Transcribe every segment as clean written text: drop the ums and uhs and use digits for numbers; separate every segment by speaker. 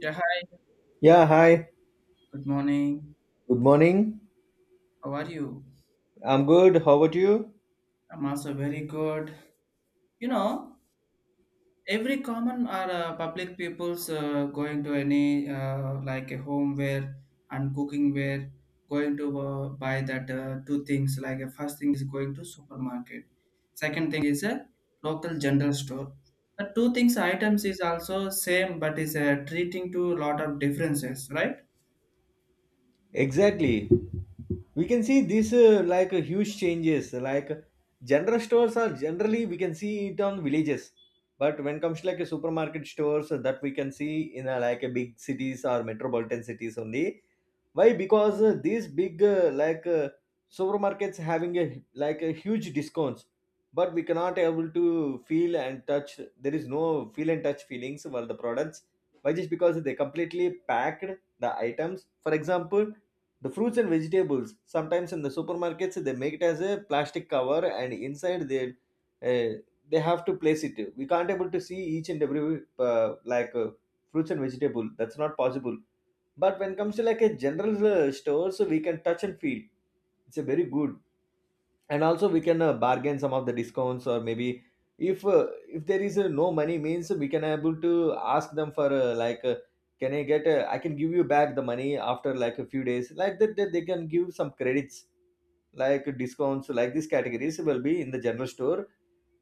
Speaker 1: Yeah, hi.
Speaker 2: Yeah, hi.
Speaker 1: Good morning.
Speaker 2: Good morning.
Speaker 1: How are you?
Speaker 2: I'm good. How about you?
Speaker 1: I'm also very good. You know, every common or public people's going to any like a homeware and cooking ware going to buy that two things. Like a first thing is going to supermarket. Second thing is a local general store. The two things items is also same, but is treating to a lot of differences, right?
Speaker 2: Exactly. We can see this like a huge changes. Like general stores are generally we can see it on villages, but when comes to like a supermarket stores that we can see in a, like a big cities or metropolitan cities only. Why? Because these big like supermarkets having a like a huge discounts, but we cannot able to feel and touch. There is no feel and touch feelings for the products. Why? Just because they completely packed the items. For example the fruits and vegetables, sometimes in the supermarkets, they make it as a plastic cover, and inside uh, they have to place it. We can't able to see each and every like fruits and vegetable. That's not possible. But when it comes to like a general stores, we can touch and feel. It's a very good, and also we can bargain some of the discounts, or maybe if there is no money means we can able to ask them for like can I get I can give you back the money after like a few days like that they can give some credits, like discounts, like these categories will be in the general store.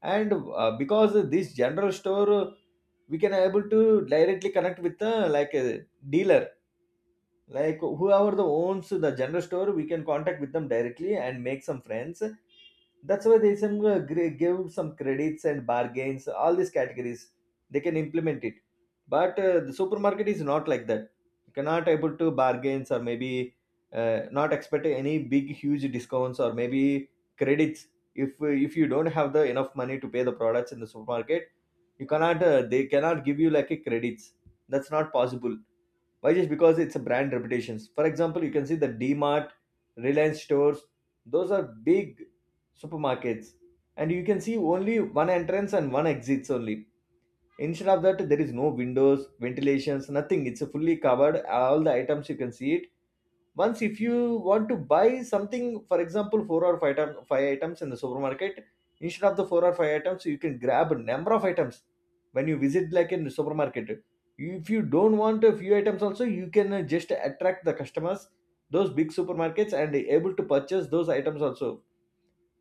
Speaker 2: And because this general store, we can able to directly connect with like a dealer. Like whoever the owns the general store, we can contact with them directly and make some friends. That's why they some give some credits and bargains, all these categories they can implement it. But the supermarket is not like that. You cannot able to bargains, or maybe not expect any big huge discounts or maybe credits. If you don't have the enough money to pay the products in the supermarket, you cannot they cannot give you like a credits. That's not possible. Why? Just because it's a brand reputations. For example, you can see the D Mart, Reliance stores. Those are big supermarkets, and you can see only one entrance and one exits only. Instead of that, there is no windows, ventilations, nothing. It's fully covered. All the items you can see it. Once if you want to buy something, for example four or five, five items in the supermarket, instead of the four or five items you can grab a number of items when you visit like in the supermarket. If you don't want a few items also, you can just attract the customers, those big supermarkets, and able to purchase those items also.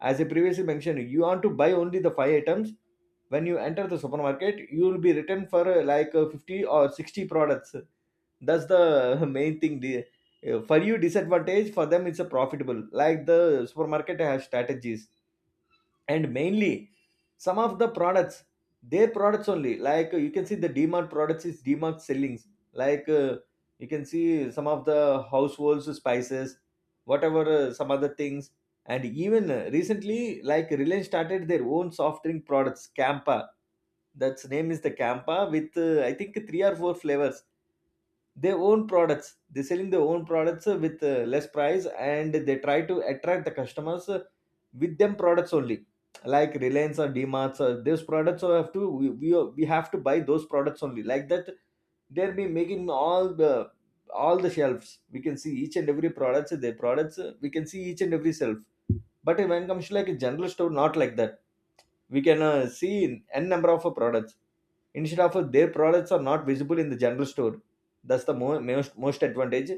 Speaker 2: As I previously mentioned, you want to buy only the five items. When you enter the supermarket, you will be written for like 50 or 60 products. That's the main thing. For you, disadvantage; for them, it's a profitable. Like the supermarket has strategies, and mainly some of the products, their products only. Like you can see the dmart products is dmart sellings, like you can see some of the households spices, whatever some other things. And even recently like Reliance started their own soft drink products, campa. That's name is the campa with I think three or four flavors. Their own products, they selling their own products with less price, and they try to attract the customers with them products only, like Reliance or DMarts or those products. Have to we have to buy those products only. Like that, they'll be making all the shelves. We can see each and every products. Their products, we can see each and every shelf. But when it comes to like a general store, not like that. We can see n number of products. Instead of, their products are not visible in the general store. That's the most advantage.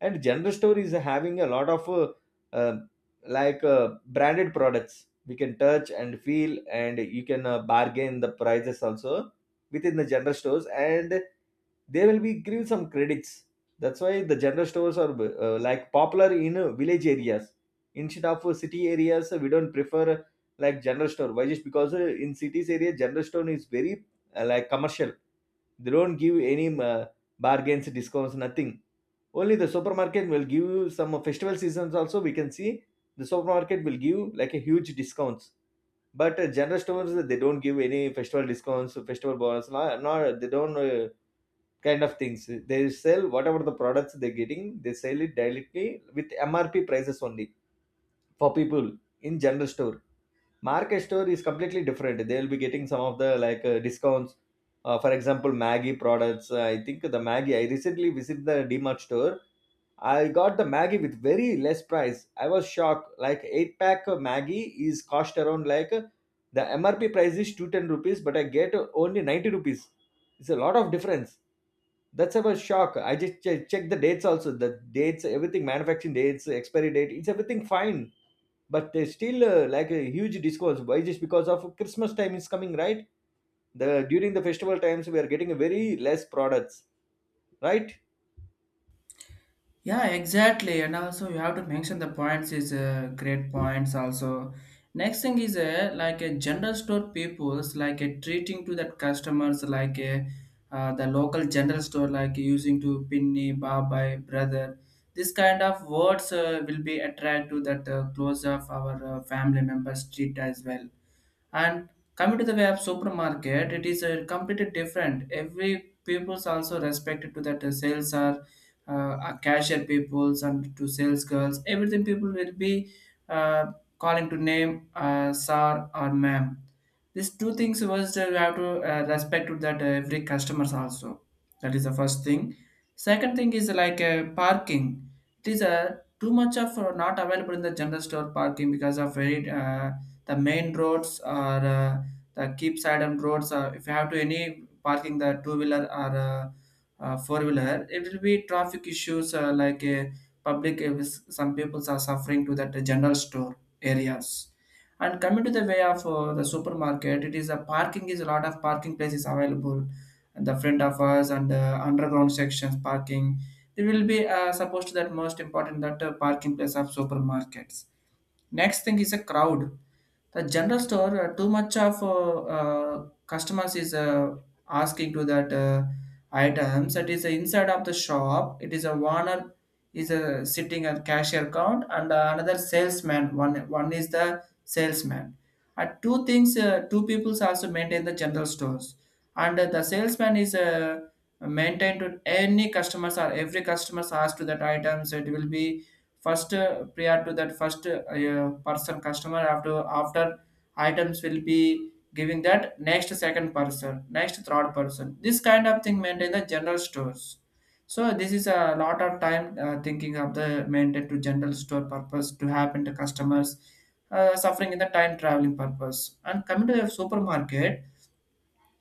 Speaker 2: And general store is having a lot of uh, branded products. We can touch and feel, and you can bargain the prices also within the general stores. And they will be give some credits. That's why the general stores are like popular in village areas. Instead of city areas, we don't prefer like general store. Why? Just because in cities area, general store is very like commercial. They don't give any bargains, discounts, nothing. Only the supermarket will give you some festival seasons. Also we can see the supermarket will give like a huge discounts, but general stores they don't give any festival discounts, festival bonus, nor they don't kind of things. They sell whatever the products they're getting, they sell it directly with mrp prices only, for people in general store. Market store is completely different, they will be getting some of the like discounts. For example, maggie products. I think the maggie, I recently visited the dmart store, I got the maggie with very less price. I was shocked, like 8 pack of maggie is cost around like the mrp price is 210 rupees, but I get only 90 rupees. It's a lot of difference. That's about shock. I just check the dates also, the dates, everything, manufacturing dates, expiry date, it's everything fine, but there's still like a huge discounts. Why? Just because of christmas time is coming, right? The during the festival times we are getting very less products, right?
Speaker 1: Yeah, exactly. And also, you have to mention the points is great points. Also, next thing is like a general store people's like a treating to that customers like a the local general store like using to pinny, babai, brother. This kind of words will be attract to that close of our family members treat as well and coming to the way of supermarket, it is a completely different. Every people's also respected to that sales are cashier peoples and to sales girls. Everything people will be uh, calling to name sir or ma'am. These two things was that we have to respect to that every customers also. That is the first thing. Second thing is like parking. It is too much of not available in the general store parking because of very the main roads or the keep side on roads if you have to any parking the two wheeler or four wheeler it will be traffic issues like public some people are suffering to that general store areas and coming to the way of the supermarket it is a parking is a lot of parking places available and the front of us and underground sections parking there will be supposed to that most important that parking place of supermarkets. Next thing is a crowd. The general store too much of customers is asking to that items that is inside of the shop it is a owner is sitting at cashier count and another salesman one is the salesman at two things two peoples also maintain the general stores and the salesman is maintained to any customers or every customers asked to that items it will be first prior to that first person customer after items will be giving that next second person next third person. This kind of thing maintain the general stores, so this is a lot of time thinking of the maintain to general store purpose to happen to customers suffering in the time traveling purpose. And coming to the supermarket,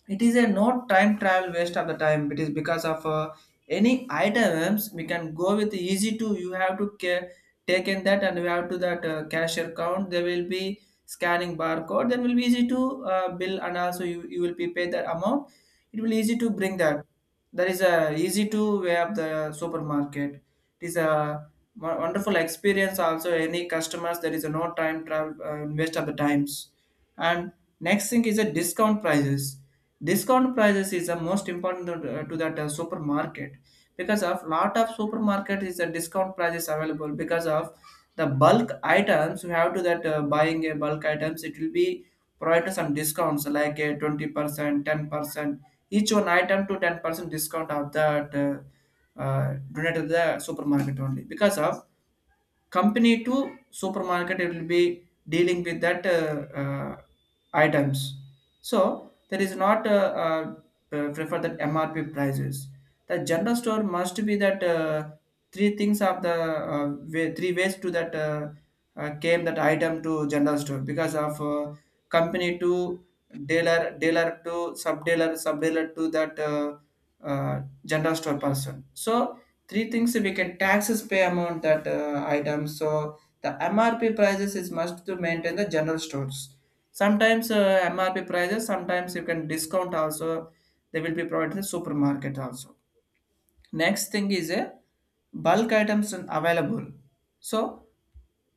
Speaker 1: it is a no time travel waste of the time. It is because of any items we can go with easy to you have to take in that and we have to that cashier count there will be scanning barcode then will be easy to bill and also you will be paid that amount. It will easy to bring that. That is a easy to way of the supermarket. It is a wonderful experience also any customers there is a no time travel waste of the times. And next thing is a discount prices. Discount prices is the most important to that supermarket because of lot of supermarket is a discount prices available because of the bulk items you have to that buying a bulk items it will be provided some discounts like a 20% 10%, each one item to 10% discount of that donated to the supermarket only because of company to supermarket it will be dealing with that uh, items. So there is not prefer that mrp prices. The general store must be that three things of the uh, way, three ways to that came that item to general store because of company to dealer to sub dealer to that general store person. So three things we can taxes pay amount that item, so the mrp prices is must to maintain the general stores. Sometimes mrp prices sometimes you can discount also they will be provided in the supermarket also. Next thing is a bulk items and available. So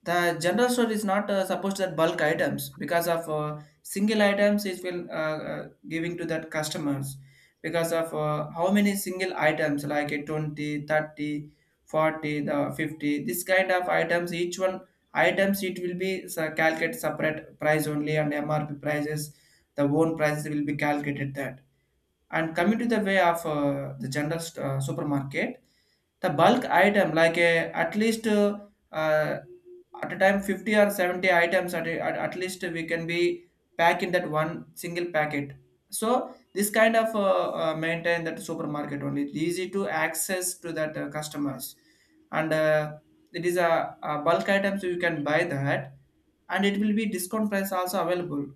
Speaker 1: the general store is not supposed that bulk items because of single items it will giving to that customers because of how many single items like a 20, 30, 40, the 50. This kind of items each one items it will be calculate separate price only and mrp prices the own prices will be calculated that. And coming to the way of the supermarket, the bulk item like at least uh, at a time 50 or 70 items at least we can be packed in that one single packet. So this kind of maintain that supermarket only. It's easy to access to that customers. And it is a bulk item so you can buy that and it will be discount price also available.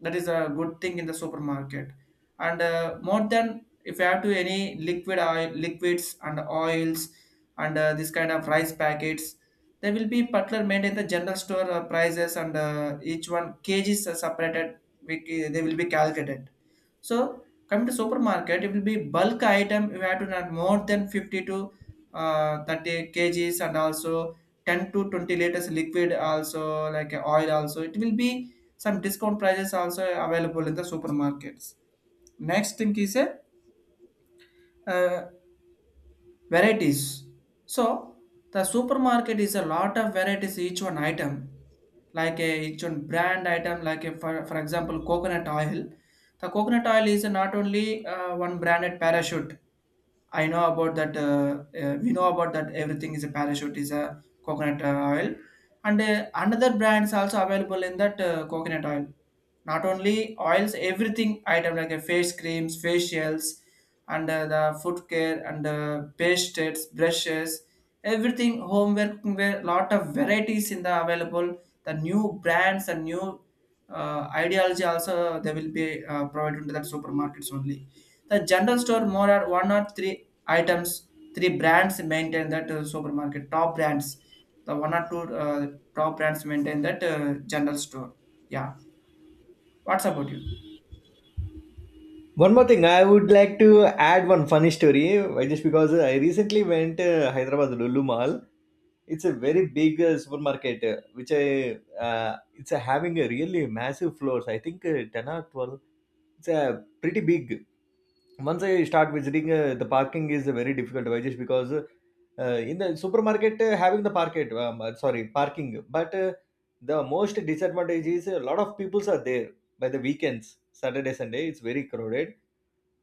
Speaker 1: That is a good thing in the supermarket. And more than if you have to any liquid oil liquids and oils and this kind of rice packets they will be butler made in the general store prices and each one kgs are separated, we, they will be calculated. So coming to supermarket it will be bulk item you have to not more than 50 to 30 kgs and also 10 to 20 liters liquid also like oil also it will be some discount prices also available in the supermarkets. Next thing is a uh, varieties. So the supermarket is a lot of varieties each one item, like a each one brand item, like a, for example coconut oil. The coconut oil is not only one branded parachute. I know about that. We know about that. Everything is a parachute is a coconut oil, and another brands also available in that coconut oil. Not only oils, everything item like a face creams, facials, and the foot care and pastes, brushes, everything homeware, cookware, lot of varieties in the available. The new brands and new ideology also they will be provided to that supermarkets only. The general store more are one or three items, three brands maintain that supermarket top brands. The one or two top brands maintain that general store. Yeah. What's about you?
Speaker 2: One more thing I would like to add, one funny story. Why? Just because I recently went hyderabad lulu mall. It's a very big supermarket, which I uh, it's having a really massive floors. I think 10 or 12. It's a pretty big. Once I start visiting, the parking is very difficult. Why? Because in the supermarket having the market, sorry, parking, but the most disadvantage is a lot of peoples are there by the weekends, Saturday, Sunday. It's very crowded.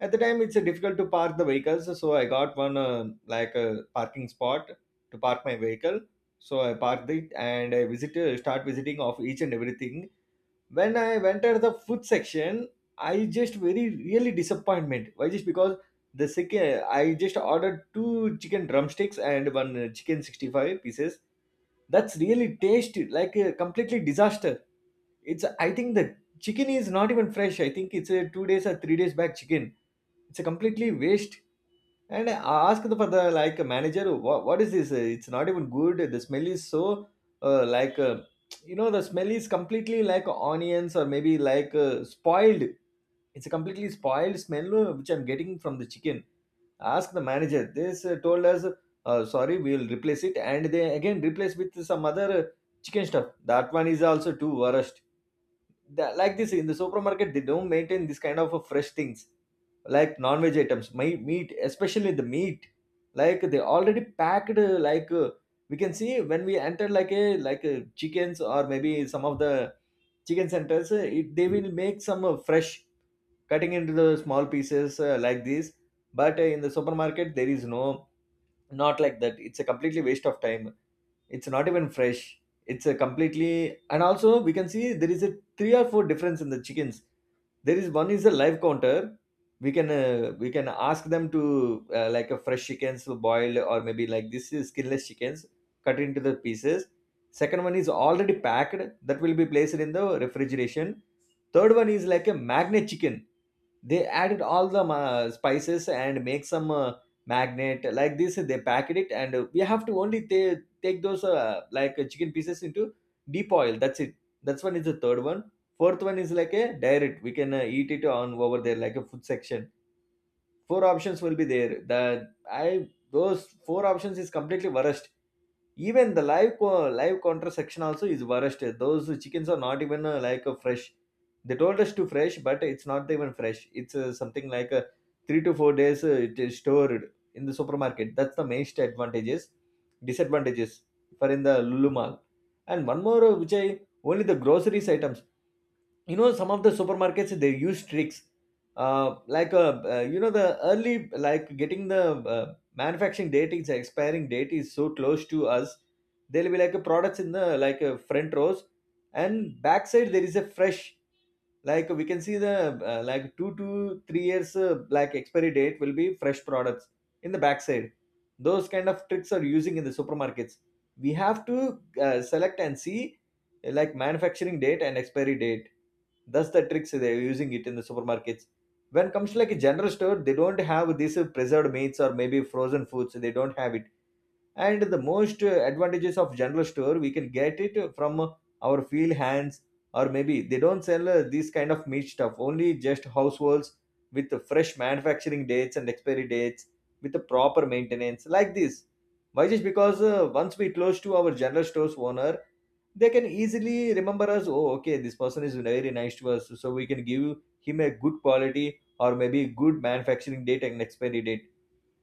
Speaker 2: At the time, it's difficult to park the vehicles, so I got one like a parking spot to park my vehicle. So I parked it, and start visiting of each and everything. When I went entered the food section, I just very really disappointment. Why? Just because the second I just ordered two chicken drumsticks and one chicken 65 pieces. That's really tasty, like a completely disaster. It's, I think the chicken is not even fresh. I think it's a 2 days or 3 days back chicken. It's a completely waste. And I asked for the like manager, what is this? It's not even good. The smell is so like the smell is completely like onions or maybe like spoiled. It's a completely spoiled smell, which I'm getting from the chicken. Ask the manager. This told us, sorry, we will replace it, and they again replace with some other chicken stuff. That one is also too worst. The, like this in the supermarket, they don't maintain this kind of fresh things, like non-veg items, my meat, especially the meat. Like they already packed, like we can see when we enter like a chickens, or maybe some of the chicken centers, they will make some fresh cutting into the small pieces like this. But in the supermarket there is no, not like that. It's a completely waste of time. It's not even fresh. It's a completely. And also we can see there is a three or four difference in the chickens. There is one is a live counter, we can ask them to like a fresh chickens, boiled, or maybe like this is skinless chickens, cut into the pieces. Second one is already packed, that will be placed in the refrigeration. Third one is like a magnet chicken, they added all the spices and make some magnet like this, they packet it, and we have to only take those like chicken pieces into deep oil, that's it. That's one is the third one. Fourth one is like a direct, we can eat it on over there, like a food section. Four options will be there. The I, those four options is completely worst. Even the live counter section also is worst. Those chickens are not even like a fresh. They told us to fresh, but it's not even fresh. It's something like a 3 to 4 days. It is stored in the supermarket. That's the main advantages, disadvantages, for in the Lulu mall. And one more, which I only the groceries items, some of the supermarkets they use tricks, like the early, like getting the manufacturing date is expiring date is so close to us. They'll be like a products in the like a front rows, and backside there is a fresh, like we can see the like 2 to 3 years like expiry date will be fresh products in the backside. Those kind of tricks are using in the supermarkets. We have to select and see like manufacturing date and expiry date. That's the tricks they're using it in the supermarkets. When it comes to like a general store, they don't have these preserved meats or maybe frozen foods, they don't have it. And the most advantages of general store, we can get it from our field hands, or maybe they don't sell this kind of meat stuff only just households with the fresh manufacturing dates and expiry dates with the proper maintenance like this. Why? Just because once we close to our general stores owner, they can easily remember us. Oh, okay, this person is very nice to us, so we can give him a good quality or maybe good manufacturing date and expiry date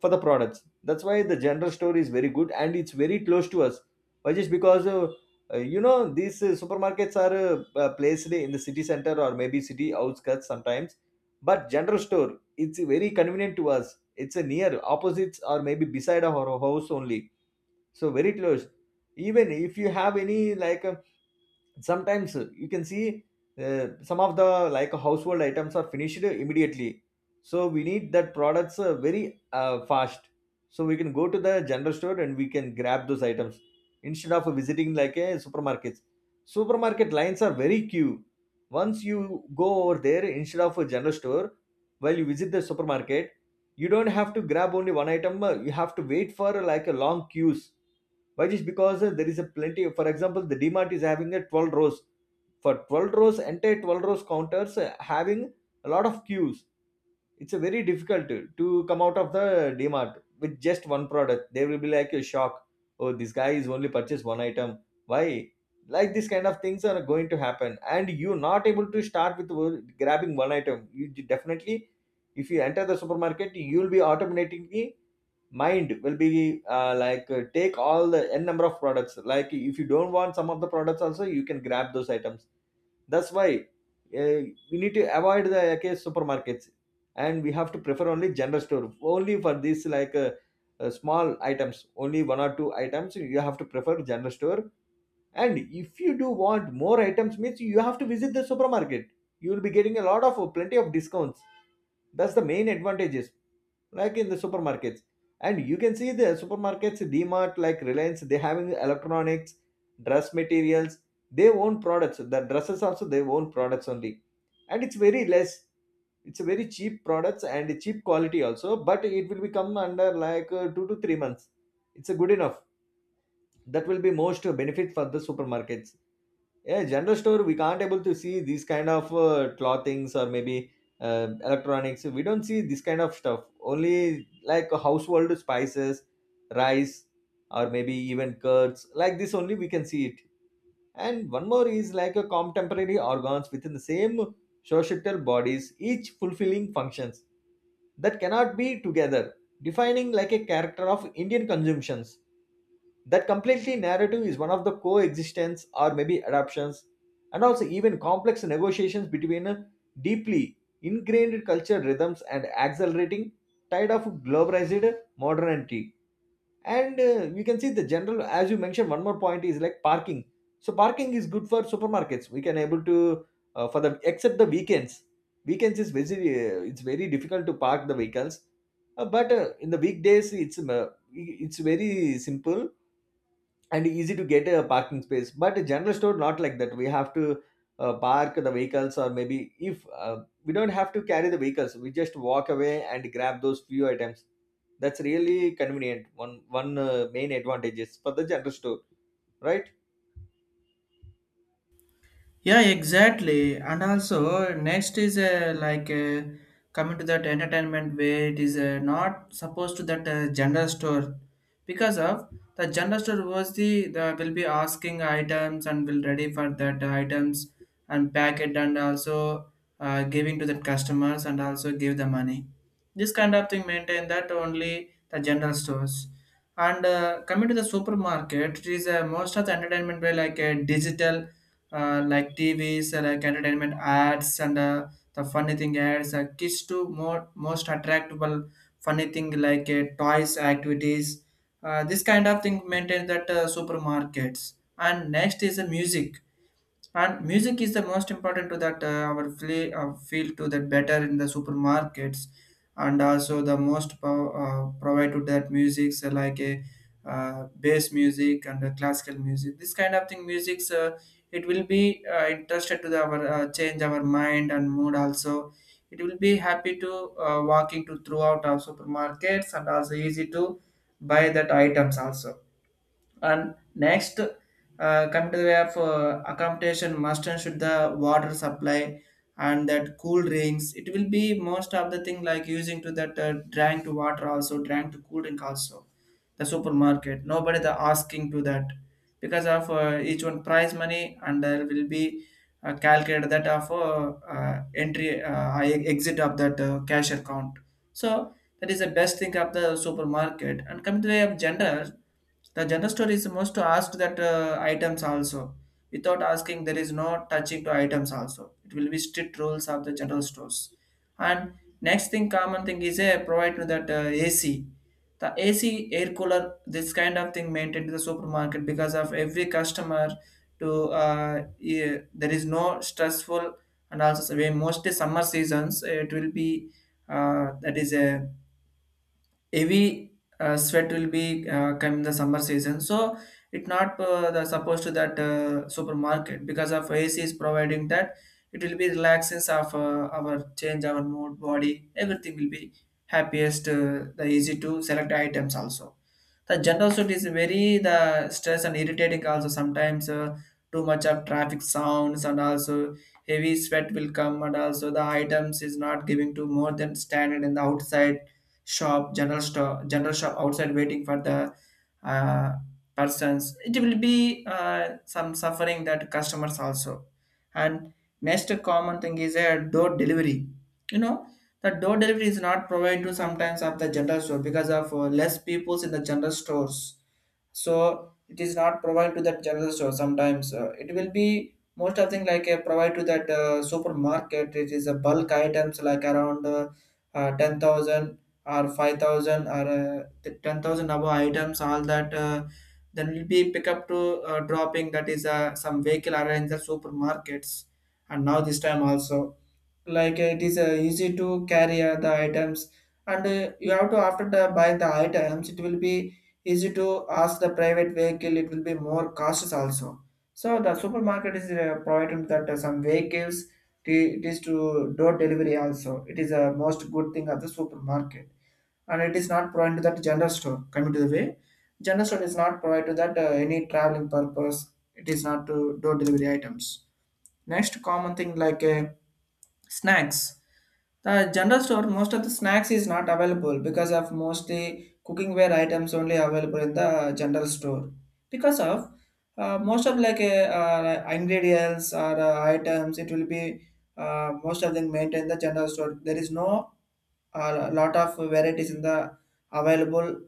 Speaker 2: for the products. That's why the general store is very good and it's very close to us. Why? Just because these supermarkets are placed in the city center or maybe city outskirts sometimes. But general store, it's very convenient to us. It's a near opposites, or maybe beside our house only. So very close. Even if you have any like sometimes you can see some of the like household items are finished immediately, so we need that products very fast, so we can go to the general store and we can grab those items instead of visiting like a supermarkets. Supermarket lines are very queue. Once you go over there instead of a general store, while you visit the supermarket, you don't have to grab only one item, you have to wait for like a long queues. Why? Just because there is a plenty. For example, the Dmart is having a 12 rows, for 12 rows entire 12 rows counters having a lot of queues. It's a very difficult to come out of the Dmart with just one product. They will be like a shock. Oh, this guy is only purchased one item. Why? Like this kind of things are going to happen, and you not able to start with grabbing one item. You definitely, if you enter the supermarket, you will be automatically, mind will be take all the n number of products. Like if you don't want some of the products also, you can grab those items. That's why uh, we need to avoid the okay, supermarkets, and we have to prefer only general store only for these like small items. Only one or two items, you have to prefer general store. And if you do want more items, means you have to visit the supermarket. You will be getting a lot of plenty of discounts. That's the main advantages, like in the supermarkets. And you can see the supermarkets, mart like Reliance, they having electronics, dress materials, they own products. The dresses also they own products only, and it's very less. It's a very cheap products and cheap quality also, but it will become under like 2 to 3 months. It's a good enough. That will be most benefit for the supermarkets. Yeah, general store we can't able to see these kind of clothings, or maybe electronics, we don't see this kind of stuff only like household spices, rice, or maybe even curds, like this only we can see it. And one more is like a contemporary organs within the same societal bodies, each fulfilling functions that cannot be together defining like a character of Indian consumptions. That completely narrative is one of the coexistence, or maybe adaptations, and also even complex negotiations between a deeply ingrained culture rhythms and accelerating tide of globalized modernity. And you can see the general, as you mentioned, one more point is like parking. So parking is good for supermarkets. We can able to, for the except the weekends. Weekends is very it's very difficult to park the vehicles. But in the weekdays, it's very simple and easy to get a parking space. But a general store not like that, we have to park the vehicles, or maybe if we don't have to carry the vehicles, we just walk away and grab those few items. That's really convenient. One main advantage is for the general store, right?
Speaker 1: Yeah, exactly. And also, next is like coming to that entertainment where it is not supposed to that general store because of the general store was the will be asking items and will ready for that items and pack it and also giving to the customers and also give the money. This kind of thing maintain that only the general stores. And coming to the supermarket, it is most of the entertainment were like a digital like TVs and like entertainment ads and the funny thing ads. Kids to more most attractable funny thing like toys activities. This kind of thing maintain that supermarkets. And next is the music and music is the most important to that our feel to that better in the supermarkets and also the most provide to that music so like a bass music and the classical music. This kind of thing musics it will be interested to our change our mind and mood also. It will be happy to walking to throughout our supermarkets and also easy to buy that items also. And next, coming to the way of accommodation, must and should the water supply and that cool drinks. It will be most of the thing like using to that drank to water also, drank to cool drink also. The supermarket, nobody the asking to that because of each one price money and there will be calculated that of entry exit of that cash account. So that is the best thing of the supermarket. And coming to the way of gender, the general store is most to ask that items also. Without asking, there is no touching to items also. It will be strict rules of the general stores. And next thing, common thing is a provide to that AC. The AC air cooler, this kind of thing maintained to the supermarket because of every customer to yeah, there is no stressful and also so mostly summer seasons it will be that is a heavy sweat will be come in the summer season, so it not supposed to that supermarket because of ac is providing that. It will be relaxes of our change our mood body everything will be happiest the easy to select items also. The general suit is very the stress and irritating also sometimes too much of traffic sounds and also heavy sweat will come and also the items is not giving to more than standard in the outside shop, general store, general shop outside waiting for the uh, persons. It will be some suffering that customers also. And next common thing is a door delivery. You know, the door delivery is not provided to sometimes of the general store because of less peoples in the general stores, so it is not provided to that general store sometimes it will be most of thing like provided to that supermarket it is a bulk items like around 10,000 or 5,000 or 10,000 above items all that then will be pick up to dropping that is some vehicle arrange the supermarkets. And now this time also like it is easy to carry the items and you have to after the buy the items it will be easy to ask the private vehicle it will be more cautious also. So the supermarket is providing that some vehicles it is to door delivery also. It is a most good thing of the supermarket and it is not provided to that general store. Coming to the way, general store is not provided to that any traveling purpose. It is not to door delivery items. Next common thing like snacks. The general store, most of the snacks is not available because of mostly cookingware items only available in the general store. Because of most of like ingredients or items, it will be most of them maintained in the general store. There is no a lot of varieties in the available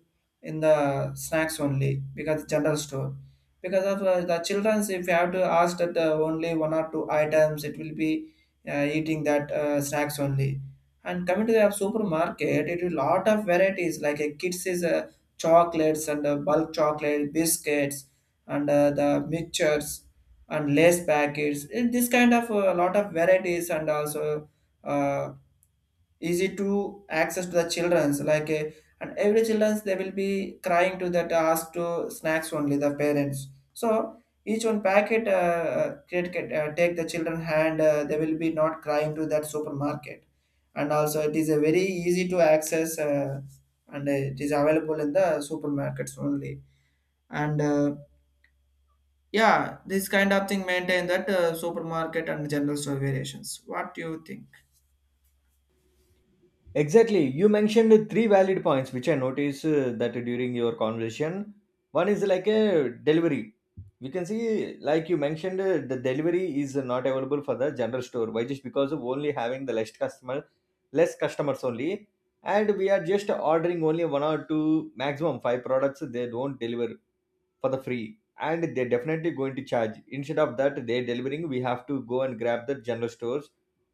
Speaker 1: in the snacks only because general store because of the children's if you have to ask that only one or two items it will be eating that snacks only. And coming to the supermarket it will lot of varieties like a kids is chocolates and bulk chocolate biscuits and the mixtures and lace packets in this kind of lot of varieties and also uh, easy to access to the children's like a, and every children's they will be crying to that ask to snacks only the parents. So each one packet create, take the children hand they will be not crying to that supermarket and also it is a very easy to access and it is available in the supermarkets only. And yeah, this kind of thing maintain that supermarket and general store variations. What do you think?
Speaker 2: Exactly. You mentioned three valid points which I noticed that during your conversation. One is like a delivery. We can see, like you mentioned, the delivery is not available for the general store. Why? Just because of only having the less customer, less customers only, and we are just ordering only one or two, maximum five products. They don't deliver for the free, and they're definitely going to charge. Instead of that they're delivering, we have to go and grab the general stores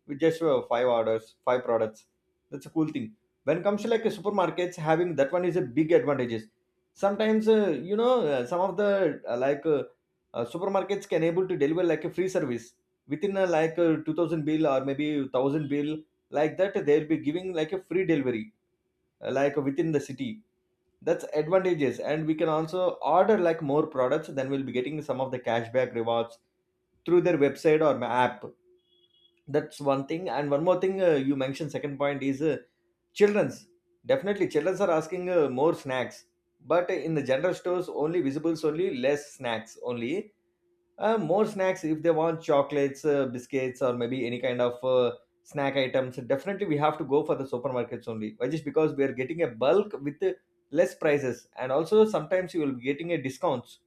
Speaker 2: with just five orders, five products. That's a cool thing. When it comes to like a supermarkets having that, one is a big advantages. Sometimes some of the uh, like uh, supermarkets can able to deliver like a free service within like a 2000 bill or maybe 1000 bill. Like that they'll be giving like a free delivery like within the city. That's advantages, and we can also order like more products, then we'll be getting some of the cashback rewards through their website or app. That's one thing. And one more thing, you mentioned second point is children's. Definitely children's are asking more snacks, but in the general stores only visibles only less snacks only. More snacks, if they want chocolates, biscuits, or maybe any kind of snack items. Definitely, we have to go for the supermarkets only. Why just because we are getting a bulk with less prices, and also sometimes you will be getting a discounts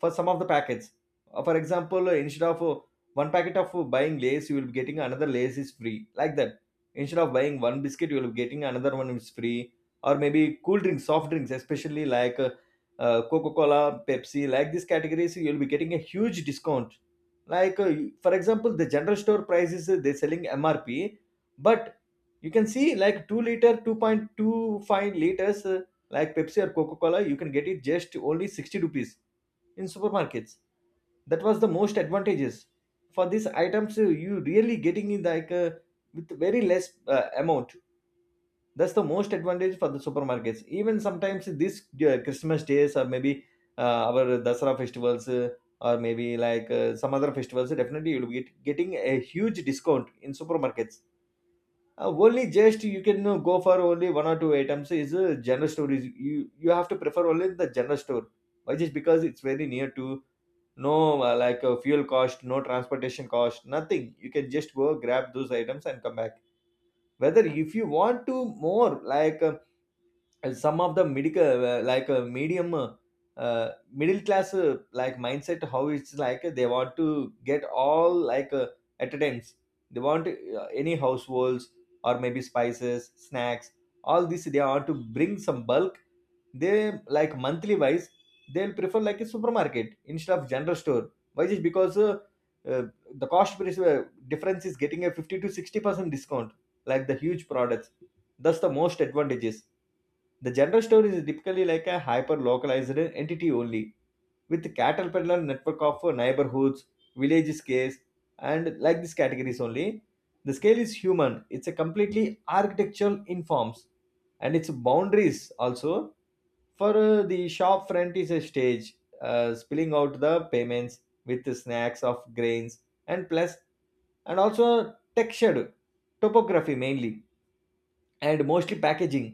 Speaker 2: for some of the packets. For example, instead of one packet of buying Lays, you will be getting another Lays is free. Like that. Instead of buying one biscuit, you will be getting another one is free. Or maybe cool drinks, soft drinks, especially like Coca Cola, Pepsi, like these categories, you will be getting a huge discount. Like, for example, the general store prices, they're selling MRP, but you can see like 2 liter, 2.25 liters, like Pepsi or Coca Cola, you can get it just only 60 rupees in supermarkets. That was the most advantageous for these items, you really getting in like with very less amount. That's the most advantage for the supermarkets. Even sometimes this Christmas days, or maybe our Dasara festivals, or maybe like some other festivals, definitely you'll be getting a huge discount in supermarkets. Only just you can go for only one or two items is a general store, is you have to prefer only the general store. Why just because it's very near to. No like fuel cost, no transportation cost, nothing. You can just go grab those items and come back. Whether if you want to more like and some of the medical like medium middle class like mindset, how it's like they want to get all like at a time. They want any households, or maybe spices, snacks, all this they want to bring some bulk. They like monthly wise they'll prefer like a supermarket instead of general store. Why is because uh, the cost price difference is getting a 50 to 60% discount like the huge products. That's the most advantages. The general store is typically like a hyper localized entity only, with cattle peddler network of neighborhoods, village scales, and like these categories only. The scale is human, it's a completely architectural in forms, and its boundaries also. For the shop front is a stage, spilling out the payments with the snacks of grains and plus, and also textured topography, mainly and mostly packaging,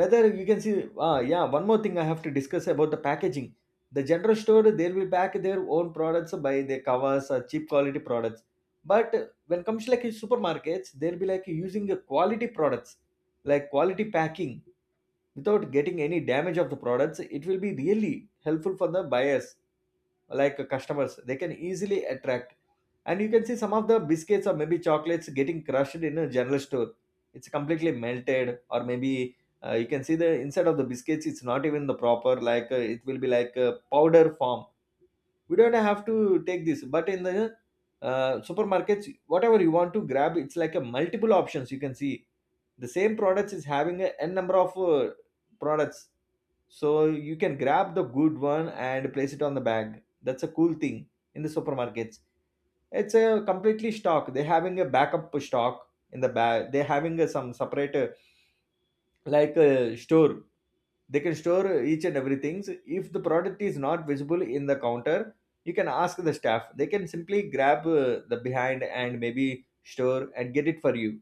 Speaker 2: whether you can see. Yeah, one more thing I have to discuss about the packaging. The general store, they will pack their own products by their covers or cheap quality products. But when it comes to like supermarkets, they'll be like using a quality products like quality packing without getting any damage of the products. It will be really helpful for the buyers. Like customers, they can easily attract. And you can see some of the biscuits or maybe chocolates getting crushed in a general store. It's completely melted, or maybe you can see the inside of the biscuits, it's not even the proper, like it will be like a powder form. We don't have to take this. But in the supermarkets, whatever you want to grab, it's like a multiple options, you can see. The same products is having a n number of products. So you can grab the good one and place it on the bag. That's a cool thing in the supermarkets. It's a completely stock, they're having a backup stock. In the bag they're having a some separate like a store, they can store each and everything. So, if the product is not visible in the counter, you can ask the staff, they can simply grab the behind, and maybe store, and get it for you.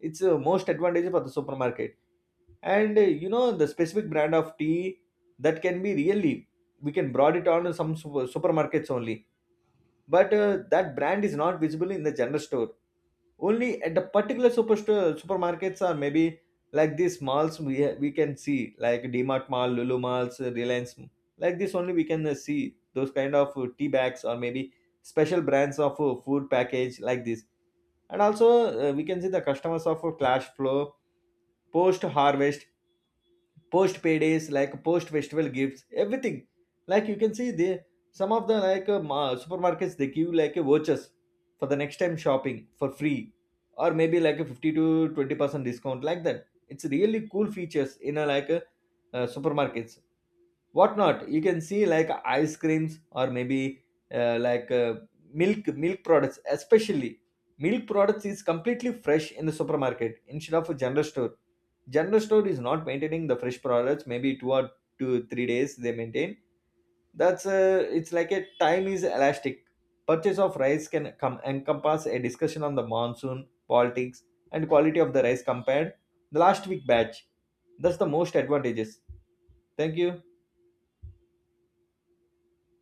Speaker 2: It's most advantage for the supermarket. And the specific brand of tea that can be really, we can broad it on to some supermarkets only. But that brand is not visible in the general store, only at the particular superstore supermarkets, are maybe like these malls. We we can see like Dmart mall, Lulu malls, Reliance, like this only we can see those kind of tea bags, or maybe special brands of food package like this. And also we can see the customers of cash flow, post harvest, post paydays, like post festival gifts, everything like you can see there. Some of the like supermarkets they give like a vouchers for the next time shopping for free, or maybe like a 50 to 20% discount like that. It's really cool features in a like a supermarkets. Whatnot you can see like ice creams, or maybe like milk products, especially milk products is completely fresh in the supermarket instead of a general store. General store is not maintaining the fresh products, maybe 2 or 2 3 days they maintain. That's it's like a time is elastic. Purchase of rice can come encompass a discussion on the monsoon politics and quality of the rice compared the last week batch. That's the most advantages. Thank you.